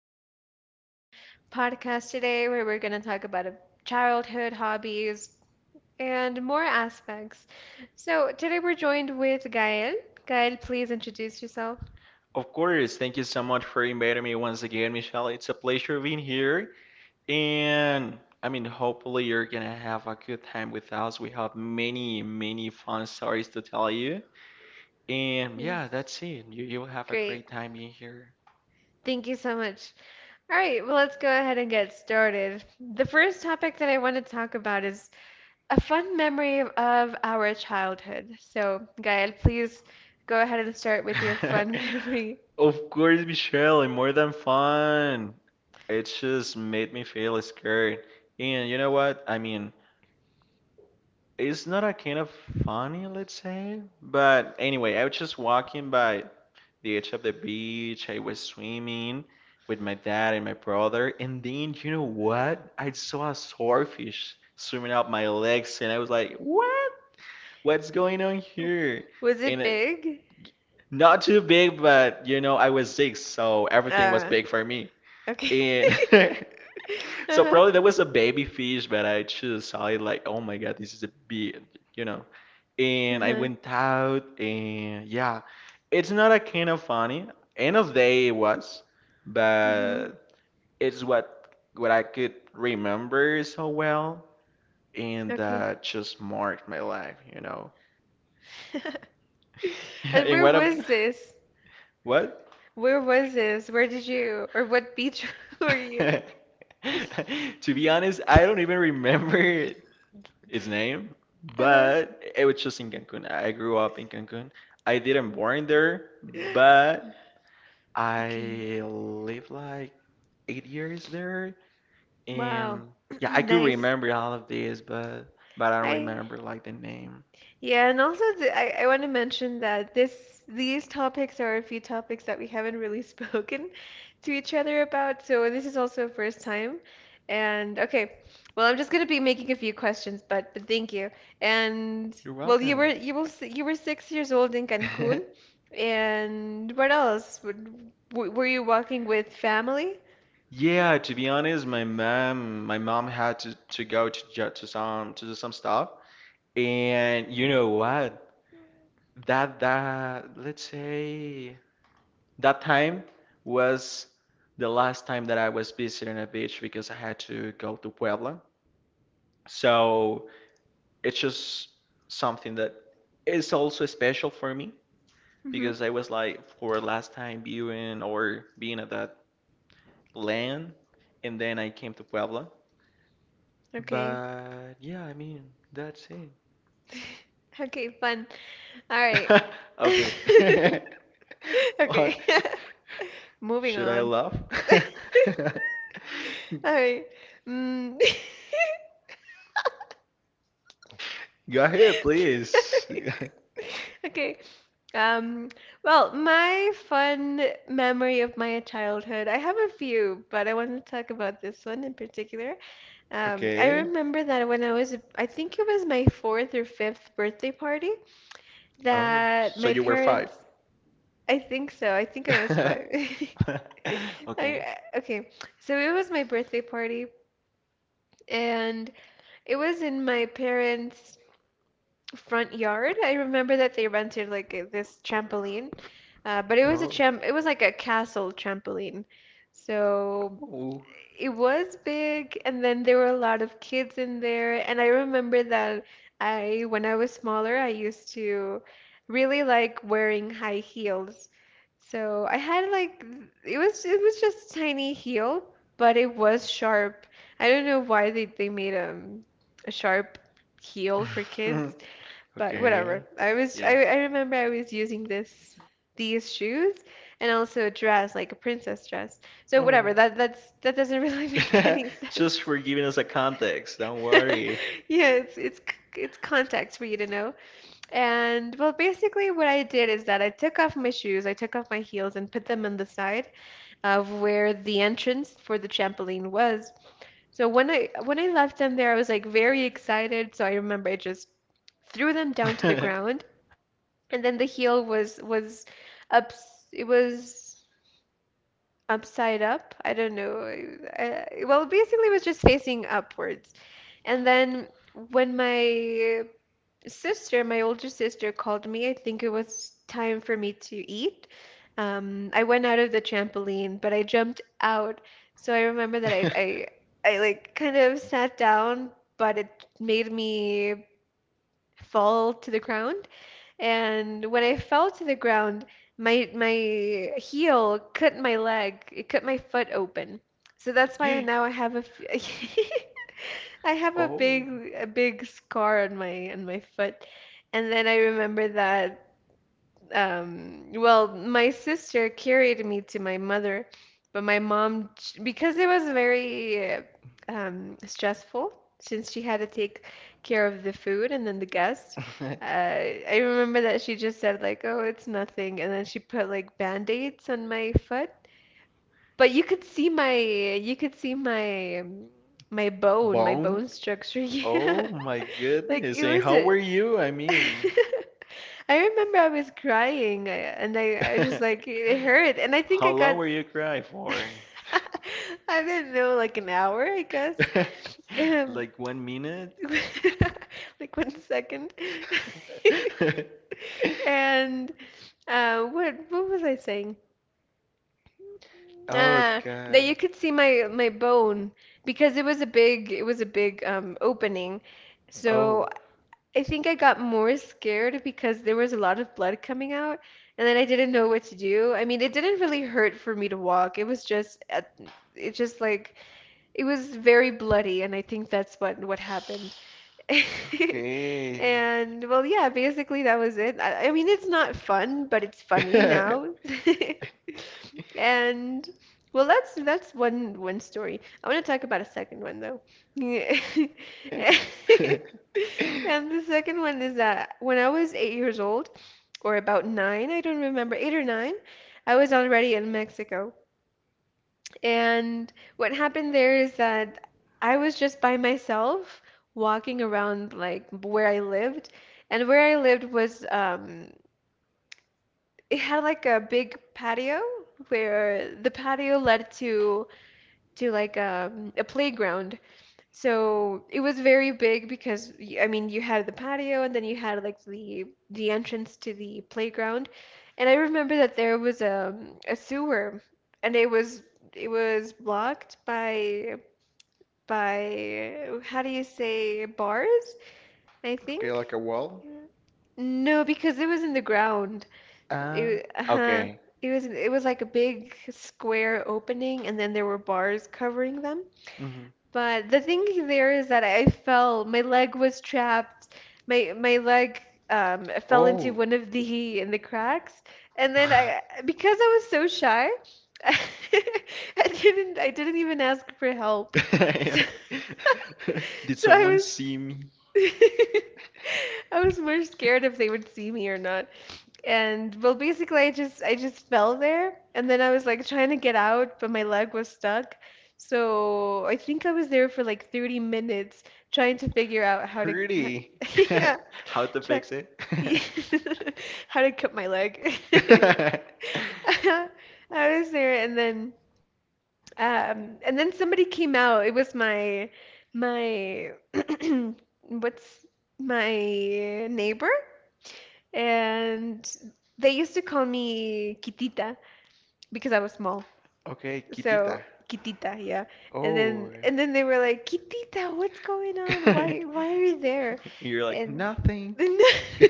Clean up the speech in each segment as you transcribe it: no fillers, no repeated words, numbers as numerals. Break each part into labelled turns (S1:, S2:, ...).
S1: experiences, a fun podcast today where we're going to talk about a childhood hobbies and more aspects. So, today, we're joined with Gael. Gael, please introduce yourself.
S2: Of course, thank you so much for inviting me once again, Michelle. It's a pleasure being here. And hopefully, you're gonna have a good time with us. We have many, many fun stories to tell you. And yeah,
S1: Yes.
S2: that's it. You'll have a
S1: Great.
S2: great time being here.
S1: Thank you so much. All right, well, let's go ahead and get started. The first topic that I want to talk about is a fun memory of our childhood. So, Gael, please go ahead and start with your fun memory.
S2: Of course, Michelle, and more than fun. It just made me feel scared. And you know what? It's not a kind of funny, let's say. But anyway, I was just walking by the edge of the beach. I was swimming with my dad and my brother, and then you know what? I saw a swordfish swimming up my legs, and I was like, "What? What's going on here?"
S1: Was
S2: And
S1: it
S2: it
S1: big?
S2: not too big, but you know, I was six, so everything was
S1: Uh,
S2: big for me.
S1: okay.
S2: And so
S1: Uh-huh.
S2: probably that was a baby fish, but I just saw it like, oh my God, this is a big, you know. And I
S1: Uh-huh.
S2: went out and yeah, it's not a kind of funny. End of day it was,
S1: Hmm.
S2: but it's what I could remember so well, and
S1: Okay.
S2: that just marked my life, you know.
S1: And
S2: And
S1: where
S2: what a
S1: was this?
S2: what?
S1: Where was this? Where did you, or what beach were you?
S2: To be honest, I don't even remember its name,
S1: Uh-huh.
S2: but it was just in Cancun. I grew up in Cancun. I didn't born there, but
S1: Okay.
S2: I lived like 8 years there,
S1: Wow.
S2: and yeah, I could
S1: Nice.
S2: remember all of this, but I don't
S1: I
S2: remember like the name.
S1: Yeah, and also I want to mention that this these topics are a few topics that we haven't really spoken to each other about, so this is also a first time. And okay, well, I'm just gonna be making a few questions, but thank you. And
S2: You're
S1: well, you
S2: welcome.
S1: were you were s- you were 6 years old in Cancun, and what else? Were you walking with family?
S2: Yeah, to be honest, my mom had to, go to ju- to some to do some stuff, and you know what? That let's say that time was the last time that I was visiting a beach because I had to go to Puebla. So it's just something that is also special for me
S1: Mm-hmm.
S2: because I was like for last time viewing or being at that land, and then I came to Puebla.
S1: Okay.
S2: But yeah, that's it.
S1: Okay, fun. All right.
S2: Okay. What?
S1: Okay. Moving
S2: Should I
S1: on.
S2: laugh?
S1: A mm,
S2: Go ahead, please.
S1: Okay. Um, well, my fun memory of my childhood, I have a few, but I want to talk about this one in particular. I
S2: Okay.
S1: remember that when I was, I think it was my fourth or fifth birthday party,
S2: Oh,
S1: that
S2: so
S1: my
S2: you were five.
S1: parents. I think so. I think I was five.
S2: Okay.
S1: Okay, so it was my birthday party, and it was in my parents' front yard. I remember that they rented like this trampoline, but it was a
S2: Oh.
S1: tram it was like a castle trampoline. So
S2: Oh.
S1: it was big, and then there were a lot of kids in there. And I remember that when I was smaller, I used to really like wearing high heels. So I had like it was just tiny heel, but it was sharp. I don't know why they made a sharp heel for kids, but
S2: Okay.
S1: whatever. I was
S2: Yeah.
S1: I, I remember I was using this these shoes and also a dress, like a princess dress. So
S2: Oh.
S1: whatever, that doesn't really make any
S2: Just
S1: sense.
S2: for giving us a context, don't worry.
S1: Yeah, it's context for you to know. And well, basically what I did is that I took off my shoes, I took off my heels and put them on the side of where the entrance for the trampoline was. So when I left them there, I was like very excited. So I remember I just threw them down to the ground, and then the heel was up, it was upside up, I don't know. Well, basically it was just facing upwards, and then when my older sister called me, I think it was time for me to eat. I went out of the trampoline, but I jumped out. So I remember that I like kind of sat down, but it made me fall to the ground. And when I fell to the ground, my heel cut my leg. It cut my foot open. So that's why now I have a f- I have a
S2: Oh.
S1: big a big scar on my foot. And then I remember that well, my sister carried me to my mother. But my mom, because it was very stressful since she had to take care of the food and then the guests, I remember that she just said like, "Oh, it's nothing," and then she put like band-aids on my foot. But you could see my, my
S2: Bone?
S1: bone structure.
S2: Oh
S1: Yeah,
S2: my
S1: like
S2: goodness. And how were you?
S1: I remember I was crying, and I just like it hurt, and I think
S2: How long were you crying
S1: s-
S2: for?
S1: I didn't know, like an hour, I guess. um,
S2: Like 1 minute?
S1: like 1 second. And what was I saying,
S2: Oh
S1: uh that
S2: God.
S1: you could see my bone because it was a big opening, so
S2: Oh.
S1: I think I got more scared because there was a lot of blood coming out, and then I didn't know what to do. I mean, it didn't really hurt for me to walk. It was just, it just like, it was very bloody, and I think that's what happened.
S2: Okay.
S1: And well, yeah, basically that was it. I mean, it's not fun, but it's funny
S2: Okay,
S1: now. And well, that's one story. I want to talk about a second one though. Yeah. And the second one is that when I was 8 years old, or about nine, I don't remember, eight or nine, I was already in Mexico. And what happened there is that I was just by myself walking around like where I lived. And where I lived was, it had like a big patio where the patio led to, like, a playground. So it was very big because I mean you had the patio and then you had like the entrance to the playground. And I remember that there was a sewer, and it was blocked by, how do you say, bars, I
S2: like
S1: think.
S2: a wall?
S1: No, because it was in the ground.
S2: Ah,
S1: Uh-huh.
S2: okay.
S1: It was like a big square opening, and then there were bars covering them.
S2: Hmm.
S1: But the thing there is that I fell. My leg was trapped. My leg, fell into
S2: Oh.
S1: one of the in the cracks, and then I, because I was so shy, I didn't even ask for help. So,
S2: Did
S1: so I
S2: someone
S1: was,
S2: see me?
S1: I was more scared if they would see me or not. And well, basically, I just fell there, and then I was like trying to get out, but my leg was stuck. So I think I was there for like 30 minutes trying to figure out how to,
S2: Pretty.
S1: yeah,
S2: How to
S1: try,
S2: fix it?
S1: how to cut my leg. I was there, and then, and then somebody came out. It was my my what's my neighbor, and they used to call me Kitita because I was small.
S2: Okay,
S1: So
S2: Kitita.
S1: Kitita, yeah. And
S2: Oh.
S1: then and then they were like, "Kitita, what's going on? Why are you there?"
S2: You're like,
S1: And
S2: nothing.
S1: then,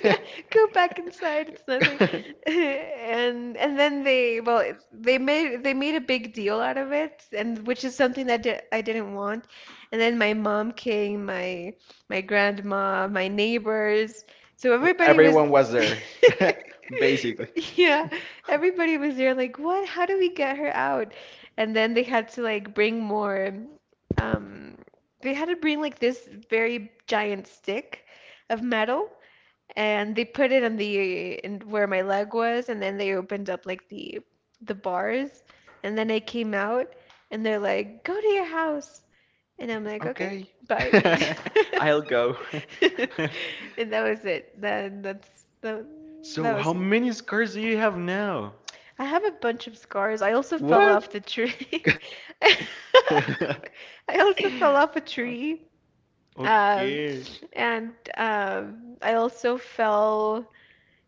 S1: "Go back inside, it's nothing." And then they, well, they made a big deal out of it, and which is something that di I didn't want. And then my mom came, my grandma, my neighbors. So everybody was,
S2: Everyone was there, basically.
S1: yeah, everybody was there like, "What? How do we get her out?" And then they had to like bring more, um they had to bring like this very giant stick of metal, and they put it in the in where my leg was, and then they opened up like the bars, and then I came out, and they're like, "Go to your house." And I'm like, "Okay,
S2: Okay.
S1: bye."
S2: I'll go.
S1: And that was it. That that's that, that
S2: So, how
S1: was
S2: many scars do you have now?
S1: I have a bunch of scars. I also fell
S2: What?
S1: off the tree. I also fell off a tree. Um,
S2: Okay.
S1: and, I also fell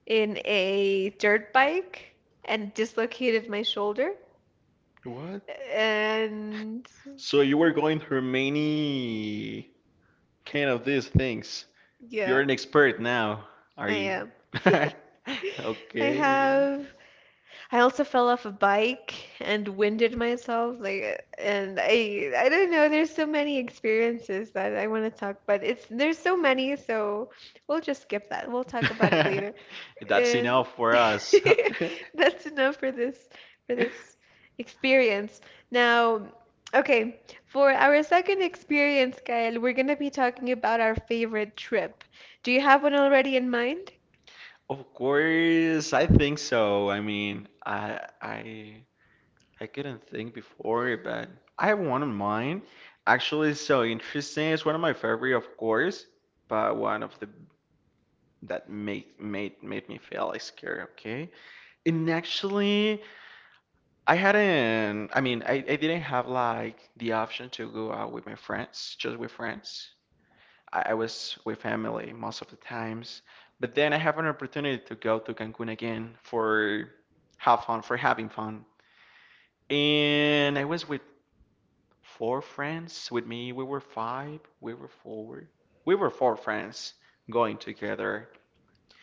S1: in a dirt bike and dislocated my shoulder.
S2: What?
S1: And
S2: So, you were going through many kind of these things. You're
S1: yeah,
S2: an expert now, are
S1: I
S2: you?
S1: am. I
S2: Okay.
S1: have I also fell off a bike and winded myself, like, and I don't know, there's so many experiences that I want to talk, but it's, there's so many, so we'll just skip that. We'll talk about it later.
S2: That's
S1: And
S2: enough for us.
S1: that's enough for this experience. Now, okay, for our second experience, Kyle, we're going to be talking about our favorite trip. Do you have one already in mind?
S2: Of course, I think so. I I couldn't think before, but I have one in mind. Actually, it's so interesting. It's one of my favorite, of course, but one of the that make made made me feel like scared. Okay, and actually, I hadn't, I mean, I didn't have like the option to go out with my friends, just with friends. I was with family most of the times. But then I have an opportunity to go to Cancun again for have fun, for having fun. And I was with four friends. With me, we were four. We were four friends going together.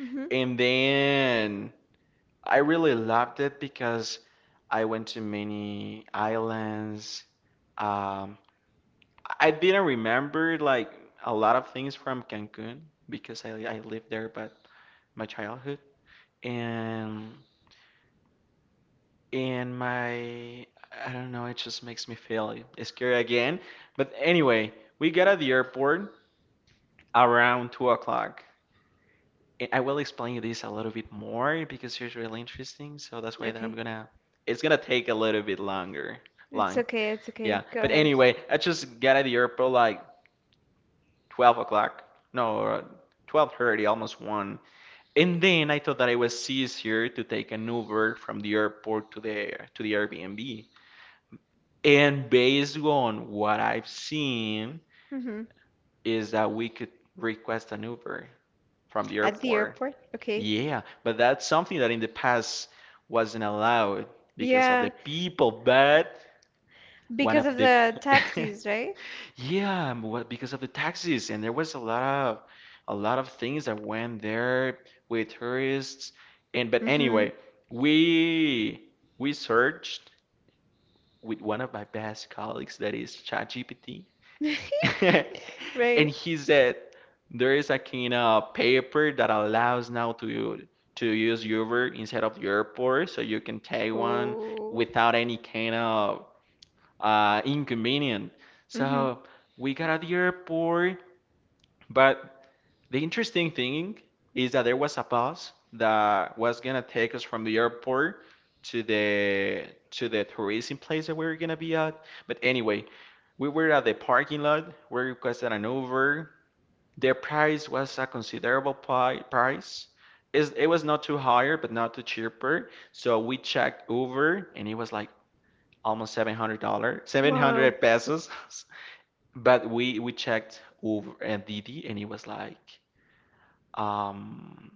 S1: Mhm.
S2: And then I really loved it because I went to many islands. Um, I didn't remember like a lot of things from Cancun because I lived there but my childhood and and my I don't know, it just makes me feel scary again. But anyway, we got at the airport around 2 o'clock. I will explain this a little bit more because it's really interesting. So that's why that I'm
S1: Okay.
S2: gonna. It's gonna take a little bit longer.
S1: It's
S2: Long,
S1: okay. It's
S2: yeah.
S1: okay. Go
S2: But
S1: ahead.
S2: anyway, I just got at the airport like 12 o'clock. No, 12:30, almost one. And then I thought that it was easier to take an Uber from the airport to the Airbnb. And based on what I've seen,
S1: Mhm.
S2: is that we could request an Uber from the
S1: At the
S2: airport.
S1: airport? Okay.
S2: Yeah, but that's something that in the past wasn't allowed because of the
S1: Yeah,
S2: people, but one of
S1: because of
S2: the
S1: the taxis, right?
S2: yeah, what because of the taxes and there was a lot of things that went there with tourists and but
S1: Mm-hmm.
S2: anyway, we we searched with one of my best colleagues that is ChatGPT. And
S1: Right.
S2: he said there is a kind of paper that allows now to use Uber instead of the airport, so you can take one
S1: Oh.
S2: without any kind of inconvenience.
S1: Mm-hmm.
S2: So we got at the airport, but the interesting thing is that there was a bus that was gonna take us from the airport to the tourism place that we were gonna be at. But anyway, we were at the parking lot. We requested an Uber. The price was a considerable pi price. It's- It was not too higher, but not too cheaper. So we checked Uber, and it was like almost $700, seven
S1: Wow.
S2: hundred pesos. But we checked Uber and Didi, and it was like um,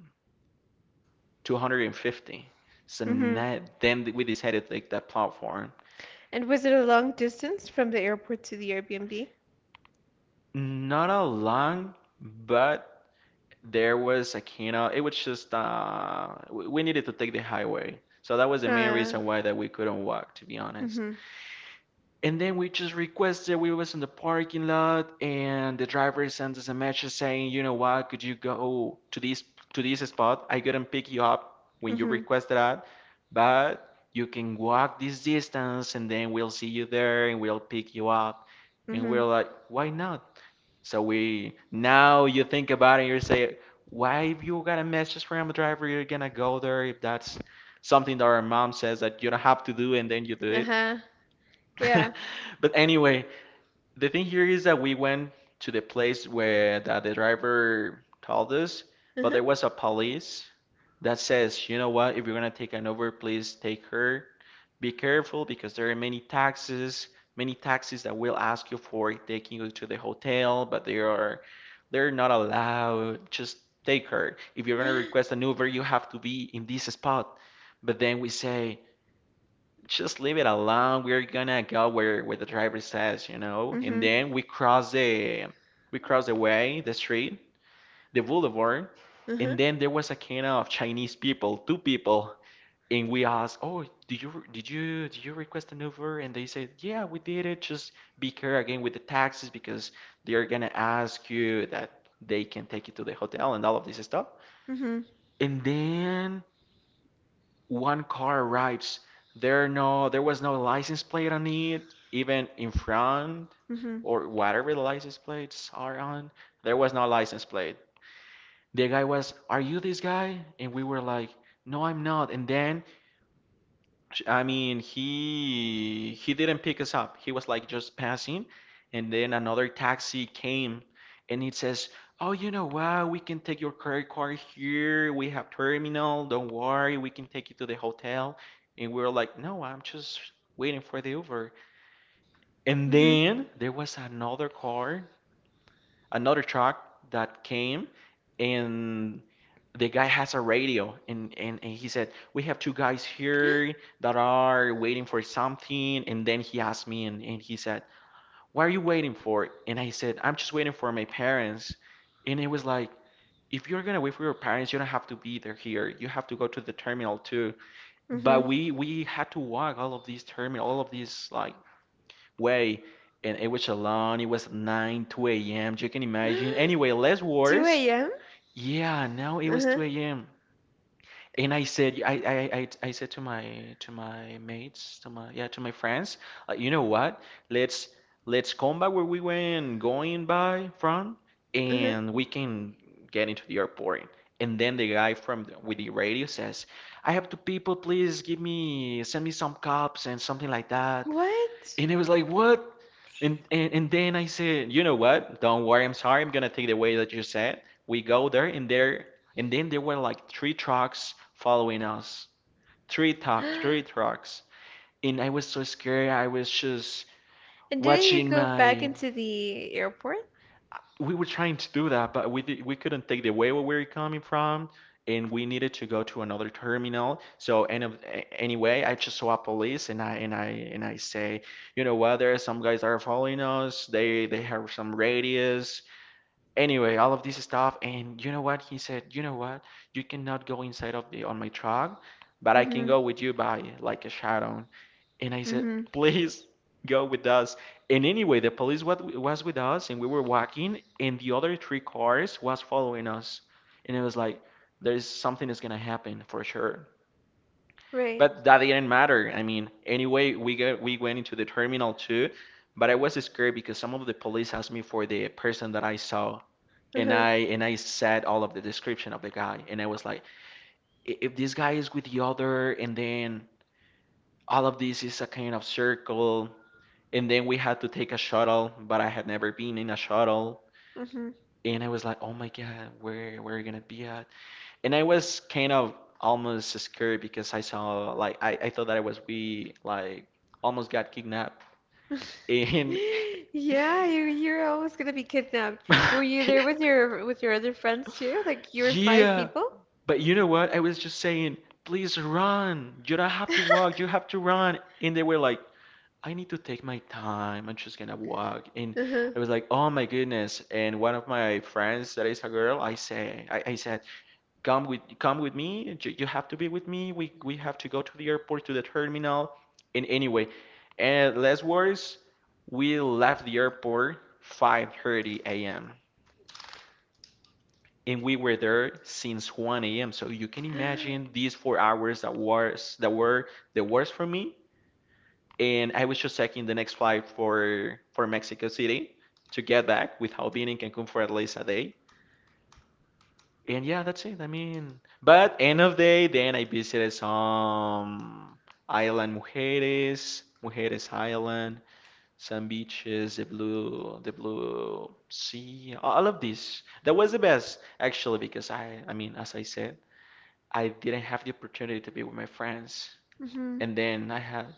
S2: 250. So
S1: Mm-hmm.
S2: now, then we decided to take that platform.
S1: And was it a long distance from the airport to the Airbnb?
S2: Not a long, but there was a kind of, it was just, we needed to take the highway. So that was the main
S1: Uh,
S2: reason why that we couldn't walk, to be honest.
S1: mm-hmm.
S2: And then we just requested, we was in the parking lot, and the driver sent us a message saying, you know what, could you go to this spot? I couldn't pick you up when you
S1: Mm-hmm.
S2: requested that, but you can walk this distance, and then we'll see you there, and we'll pick you up. And
S1: Mm-hmm.
S2: we're like, why not? So we now you think about it, and you say, why if you got a message from a driver, you're gonna go there if that's something that our mom says that you don't have to do, and then you do it.
S1: Uh-huh. Yeah.
S2: But anyway, the thing here is that we went to the place where that the driver told us, but there was a police that says, you know what, if you're gonna take an Uber, please take her. Be careful because there are many taxes that will ask you for taking you to the hotel, but they are they're not allowed. Just take her. If you're gonna
S1: Uh-huh.
S2: request an Uber, you have to be in this spot. But then we say, just leave it alone. We're gonna go where the driver says, you know. And
S1: Mm-hmm.
S2: then we cross the way, the street, the boulevard,
S1: Uh-huh.
S2: and then there was a kind of Chinese people, two people, and we asked, "Oh, did you request an Uber?" And they said, "Yeah, we did it. Just be careful again with the taxes because they're gonna ask you that they can take you to the hotel and all of this stuff."
S1: Mm-hmm.
S2: And then one car arrives. There was no license plate on it, even in front
S1: Mm-hmm.
S2: or whatever the license plates are on. There was no license plate. The guy was, "Are you this guy?" And we were like, "No, I'm not." And then he didn't pick us up. He was like just passing, and then another taxi came, and it says, "Oh, you know what? We can take your credit card here. We have terminal. Don't worry. We can take you to the hotel." And we were like, "No, I'm just waiting for the Uber." And
S1: Mm-hmm.
S2: then there was another truck that came and the guy has a radio and he said we have two guys here that are waiting for something and then he asked me and he said what are you waiting for and I said I'm just waiting for my parents and it was like if you're gonna wait for your parents you don't have to be there, here you have to go to the terminal too.
S1: Mm-hmm.
S2: But we had to walk all of these like way, and it was alone. It was 2 a.m. You can imagine. Anyway, less worse.
S1: 2 a.m.?
S2: Yeah, now it was
S1: Uh-huh.
S2: 2 a.m. And I, said, I said to my mates, to my yeah, to my friends, like, you know what? Let's let's come back where we went going by from,
S1: Uh-huh.
S2: and we can get into the airport. And then the guy from the, with the radio says, I have two people, please give me send me some cops and something like that.
S1: What?
S2: And it was like, what? And then I said, you know what? Don't worry. I'm sorry. I'm gonna take the way that you said. We go there, and there, and then there were like three trucks following us. Three trucks,
S1: And
S2: three trucks. And I was so scared. I was just
S1: didn't you
S2: watching
S1: go back
S2: my.
S1: into the airport?
S2: We were trying to do that, but we couldn't take the way where we were coming from, and we needed to go to another terminal. So anyway, I just saw police, and I say, you know what? There are some guys that are following us. They have some radius. Anyway, all of this stuff, and you know what? He said, you know what? You cannot go inside of the on my truck, but I can
S1: Mm-hmm.
S2: go with you by like a shadow. And I said,
S1: Mm-hmm.
S2: please go with us. And anyway, the police was with us, and we were walking, and the other three cars was following us. And it was like, there's something is gonna happen for sure.
S1: Right.
S2: But that didn't matter. I mean, anyway, we went into the terminal too. But I was scared because some of the police asked me for the person that I saw, and
S1: Uh-huh.
S2: I and I said all of the description of the guy, and I was like, if this guy is with the other, and then all of this is a kind of circle, and then we had to take a shuttle, but I had never been in a shuttle.
S1: Mm-hmm.
S2: And I was like, oh my God, where are we gonna be at? And I was kind of almost scared because I saw, like, I thought that it was we, like, almost got kidnapped. And
S1: Yeah, you're almost gonna be kidnapped. Were you there with your other friends too? Like you were five
S2: yeah,
S1: people?
S2: but you know what? I was just saying, please run. You don't have to walk, you have to run. And they were like, I need to take my time. I'm just gonna walk. And
S1: Uh-huh.
S2: I was like, oh my goodness. And one of my friends that is a girl, I say, I said, come with me. You have to be with me. We have to go to the airport, to the terminal. And anyway, and less worse, we left the airport 5:30 a.m. And we were there since 1 a.m. So you can imagine these 4 hours that were the worst for me, and I was just checking the next flight for Mexico City to get back without being in Cancun for at least a day. And yeah, that's it. I mean, but end of day, then I visited some island Mujeres, Mujeres Island, some beaches, the blue sea, all of this. That was the best actually because I mean, as I said, I didn't have the opportunity to be with my friends,
S1: Mm-hmm.
S2: and then I had.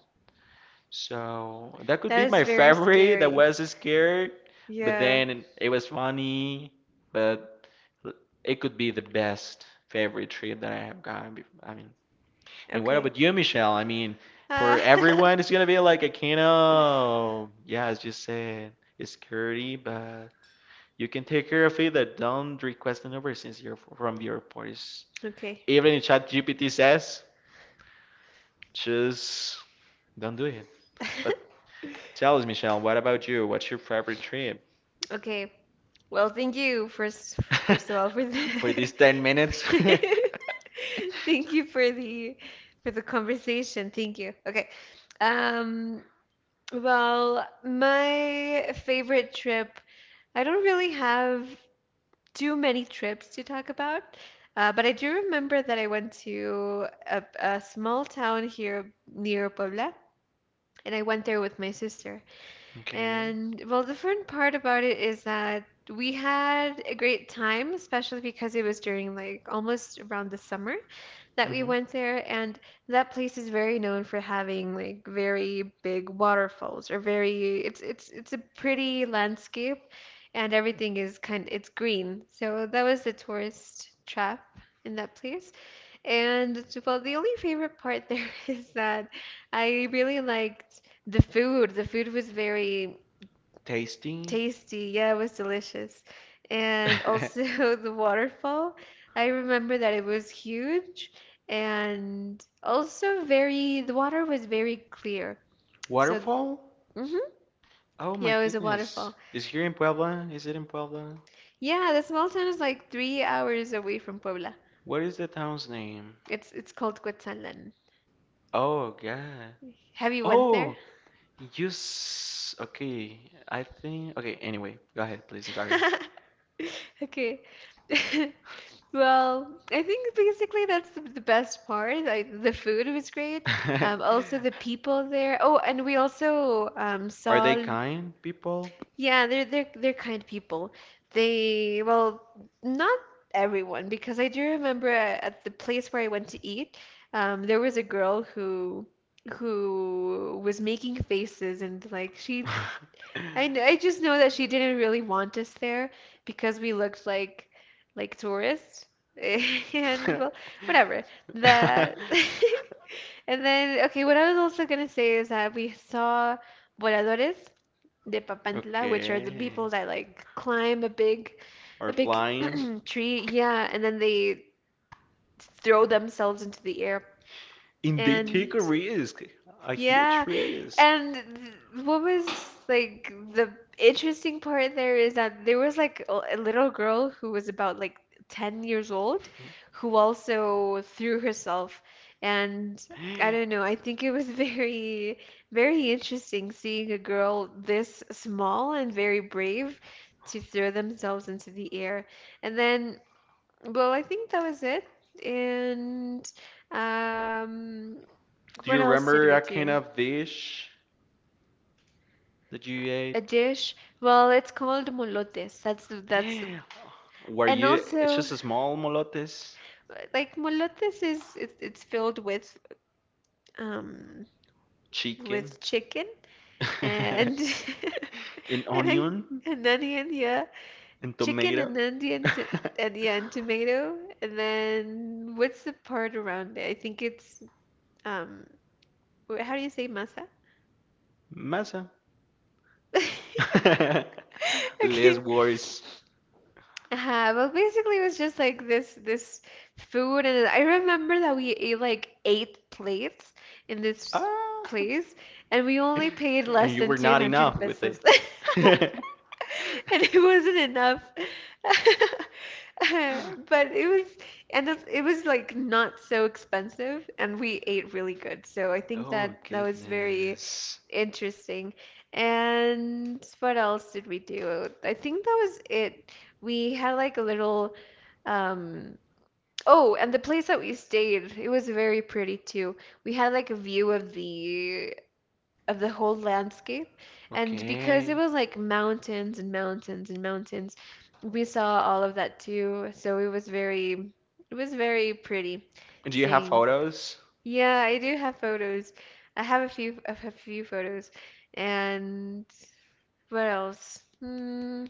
S2: So that could be
S1: That is
S2: my
S1: very
S2: favorite. That
S1: scary.
S2: was scared, but
S1: Yeah.
S2: then it was funny. But it could be the best favorite trip that I have gotten. I mean, and what
S1: Okay.
S2: about you, Michelle? I mean, for
S1: Uh,
S2: everyone, it's gonna be like a kind of, yeah, as you said, it's scary, but you can take care of it. That don't request a number since you're from the airport. It's,
S1: okay.
S2: even if ChatGPT says, just don't do it. But tell us, Michelle, what about you? What's your favorite trip
S1: Okay. Well, thank you first of all for
S2: for
S1: the,
S2: these 10 minutes?
S1: thank you for the conversation. Thank you. Okay. Um Well, my favorite trip, I don't really have too many trips to talk about, but I do remember that I went to a small town here near Puebla, and I went there with my sister.
S2: Okay.
S1: And well, the fun part about it is that we had a great time, especially because it was during like almost around the summer that we
S2: Hmm.
S1: went there, and that place is very known for having like very big waterfalls or very it's a pretty landscape, and everything is kind it's green. So that was the tourist trap in that place. And well, the only favorite part there is that I really liked the food. The food was very
S2: Tasty.
S1: tasty, yeah, it was delicious. And also the waterfall. I remember that it was huge and also the water was very clear. So,
S2: Waterfall?
S1: hmm,
S2: Oh my
S1: yeah, it was a
S2: goodness.
S1: waterfall.
S2: Is here in Puebla? Is it in Puebla?
S1: Yeah, the small town is like 3 hours away from Puebla.
S2: What is the town's name?
S1: It's called Quetzalán.
S2: Oh God.
S1: Have you went there?
S2: Oh, you s okay. I think okay, anyway, go ahead, please. I'm sorry.
S1: Okay. Well, I think basically that's the best part. Like the food was great. Also the people there. Oh, and we also
S2: Are they
S1: saw.
S2: kind people?
S1: Yeah, they're kind people. They, well, not everyone because I do remember at the place where I went to eat, there was a girl who was making faces and like she I just know that she didn't really want us there because we looked like tourists. And well, whatever. That And then okay, what I was also gonna say is that we saw voladores de Papantla, which are the
S2: Okay.
S1: people that like climb
S2: Or
S1: a big
S2: flying.
S1: tree, yeah, and then they throw themselves into the air.
S2: And they
S1: And
S2: take a risk, a huge
S1: yeah.
S2: risk.
S1: And th- what was like the interesting part there is that there was like a little girl who was about like 10 years old who also threw herself. And I don't know, I think it was very interesting seeing a girl this small and very brave to throw themselves into the air. And then, well, I think that was it. And um,
S2: Do
S1: what
S2: you
S1: else did
S2: remember
S1: we
S2: a kind
S1: do?
S2: of dish that you
S1: A
S2: ate?
S1: dish, well, it's called molotes.
S2: Were
S1: And
S2: you, it's
S1: also
S2: just a small molotes,
S1: like molotes is it's filled um
S2: chicken,
S1: with chicken and
S2: an
S1: and I
S2: onion,
S1: an onion, yeah,
S2: and
S1: chicken
S2: tomato,
S1: and onion to, and yeah, and tomato, and then what's the part around it? I think it's um how do you say masa?
S2: masa. Less
S1: Okay.
S2: worse.
S1: Well, basically, it was just like this food, and I remember that we ate like 8 plates in this
S2: Ah.
S1: place, and we only paid
S2: And
S1: less
S2: you
S1: than
S2: were not
S1: 200
S2: enough with
S1: pesos.
S2: it.
S1: And it wasn't enough. But it was, and it was like not so expensive, and we ate really good. So I think
S2: Oh
S1: that was very
S2: goodness.
S1: interesting. And what else did we do? I think that was it. We had like a little, um, oh, and the place that we stayed, it was very pretty too. We had like a view of the whole landscape. And because it
S2: Okay.
S1: was like mountains and mountains and mountains, we saw all of that too. So it was very pretty
S2: And do you have
S1: seeing.
S2: photos?
S1: Yeah, I do have photos. I have a few, I have a few photos. And what else? Hmm,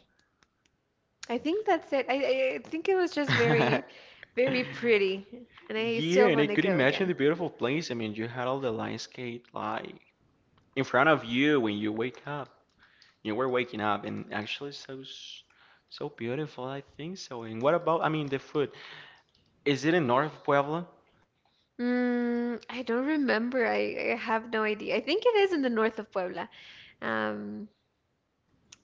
S1: I think that's it. I think it was just very, very pretty. And I
S2: Yeah,
S1: still
S2: and I
S1: want to
S2: could
S1: go
S2: imagine
S1: again.
S2: the beautiful place. I mean, you had all the landscape like in front of you when you wake up. You were waking up, and actually, so beautiful. I think so. And what about? I mean, the food. Is it in North of Puebla?
S1: Mm, I don't remember. I have no idea. I think it is in the north of Puebla. Um,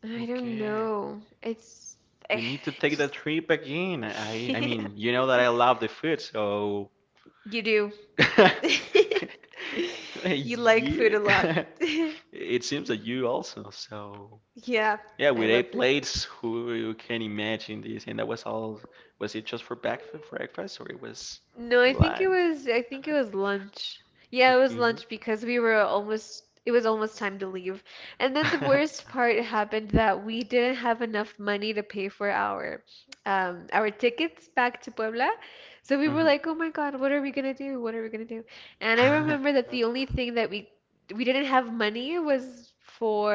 S1: I don't
S2: Okay.
S1: know. It's
S2: We
S1: I
S2: need to take the
S1: just
S2: trip again. I
S1: yeah.
S2: mean, you know that I love the food, so
S1: You do. You like food a lot.
S2: yeah. It seems that you also. So
S1: Yeah,
S2: yeah,
S1: I
S2: with
S1: love
S2: eight
S1: food.
S2: plates, who you can imagine this? And that was all. Was it just for breakfast, or it was
S1: No,
S2: lunch?
S1: I think it was lunch. Yeah, it was
S2: Okay.
S1: lunch because we were almost it was almost time to leave. And then the worst part happened that we didn't have enough money to pay for our tickets back to Puebla. So we were
S2: Mhm.
S1: like, "Oh my God, what are we gonna do? What are we gonna do?" And I remember that the only thing that we didn't have money was for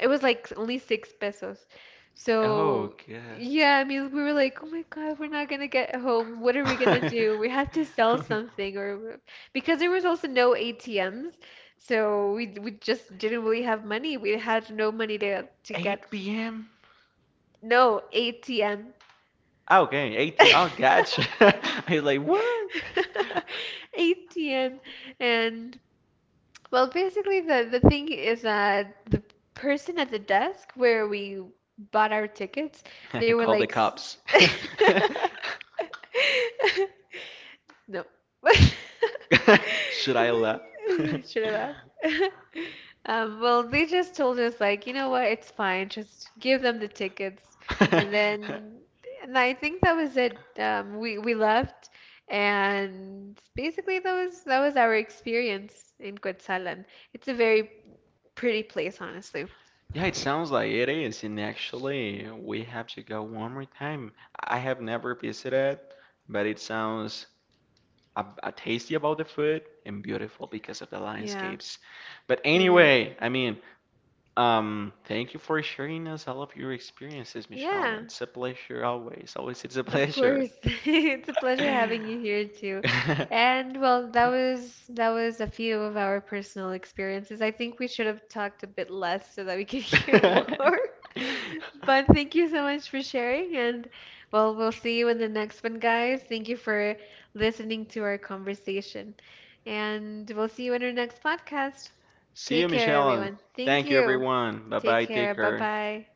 S1: it was like only 6 pesos.
S2: Oh,
S1: So,
S2: God.
S1: yeah, I mean, we were like, oh my God, we're not gonna get home. What are we gonna do? We had to sell
S2: Um,
S1: something, or because there was also no ATMs, so we just didn't really have money. We had no money to get
S2: 8 p.m.
S1: no ATM.
S2: Okay, 18. Oh, gotcha. I was like, what?
S1: ATM, and well, basically, the thing is that the person at the desk where we bought our tickets,
S2: I
S1: they were
S2: called the
S1: like,
S2: cops.
S1: s- no.
S2: Should I laugh?
S1: Should I laugh? Well, they just told us like, you know what, it's fine. Just give them the tickets, and then, and I think that was it. We left, and basically that was our experience in Quetzalan. It's a very pretty place, honestly.
S2: Yeah, it sounds like it is. And actually, we have to go one more time. I have never visited, but it sounds a tasty about the food and beautiful because of the
S1: Yeah,
S2: landscapes. But
S1: I know.
S2: anyway, I mean, thank you for sharing us all of your experiences, Michelle.
S1: Yeah,
S2: It's a pleasure always. Always it's a
S1: of
S2: pleasure.
S1: course. It's a pleasure having you here too. And well, that was a few of our personal experiences. I think we should have talked a bit less so that we could hear more. But thank you so much for sharing and well, we'll see you in the next one, guys. Thank you for listening to our conversation. And we'll see you in our next podcast.
S2: See
S1: Take
S2: you,
S1: care,
S2: Michelle, and
S1: everyone. Thank
S2: thank you
S1: you.
S2: everyone. Bye
S1: Take
S2: bye,
S1: care.
S2: take care.
S1: Bye-bye.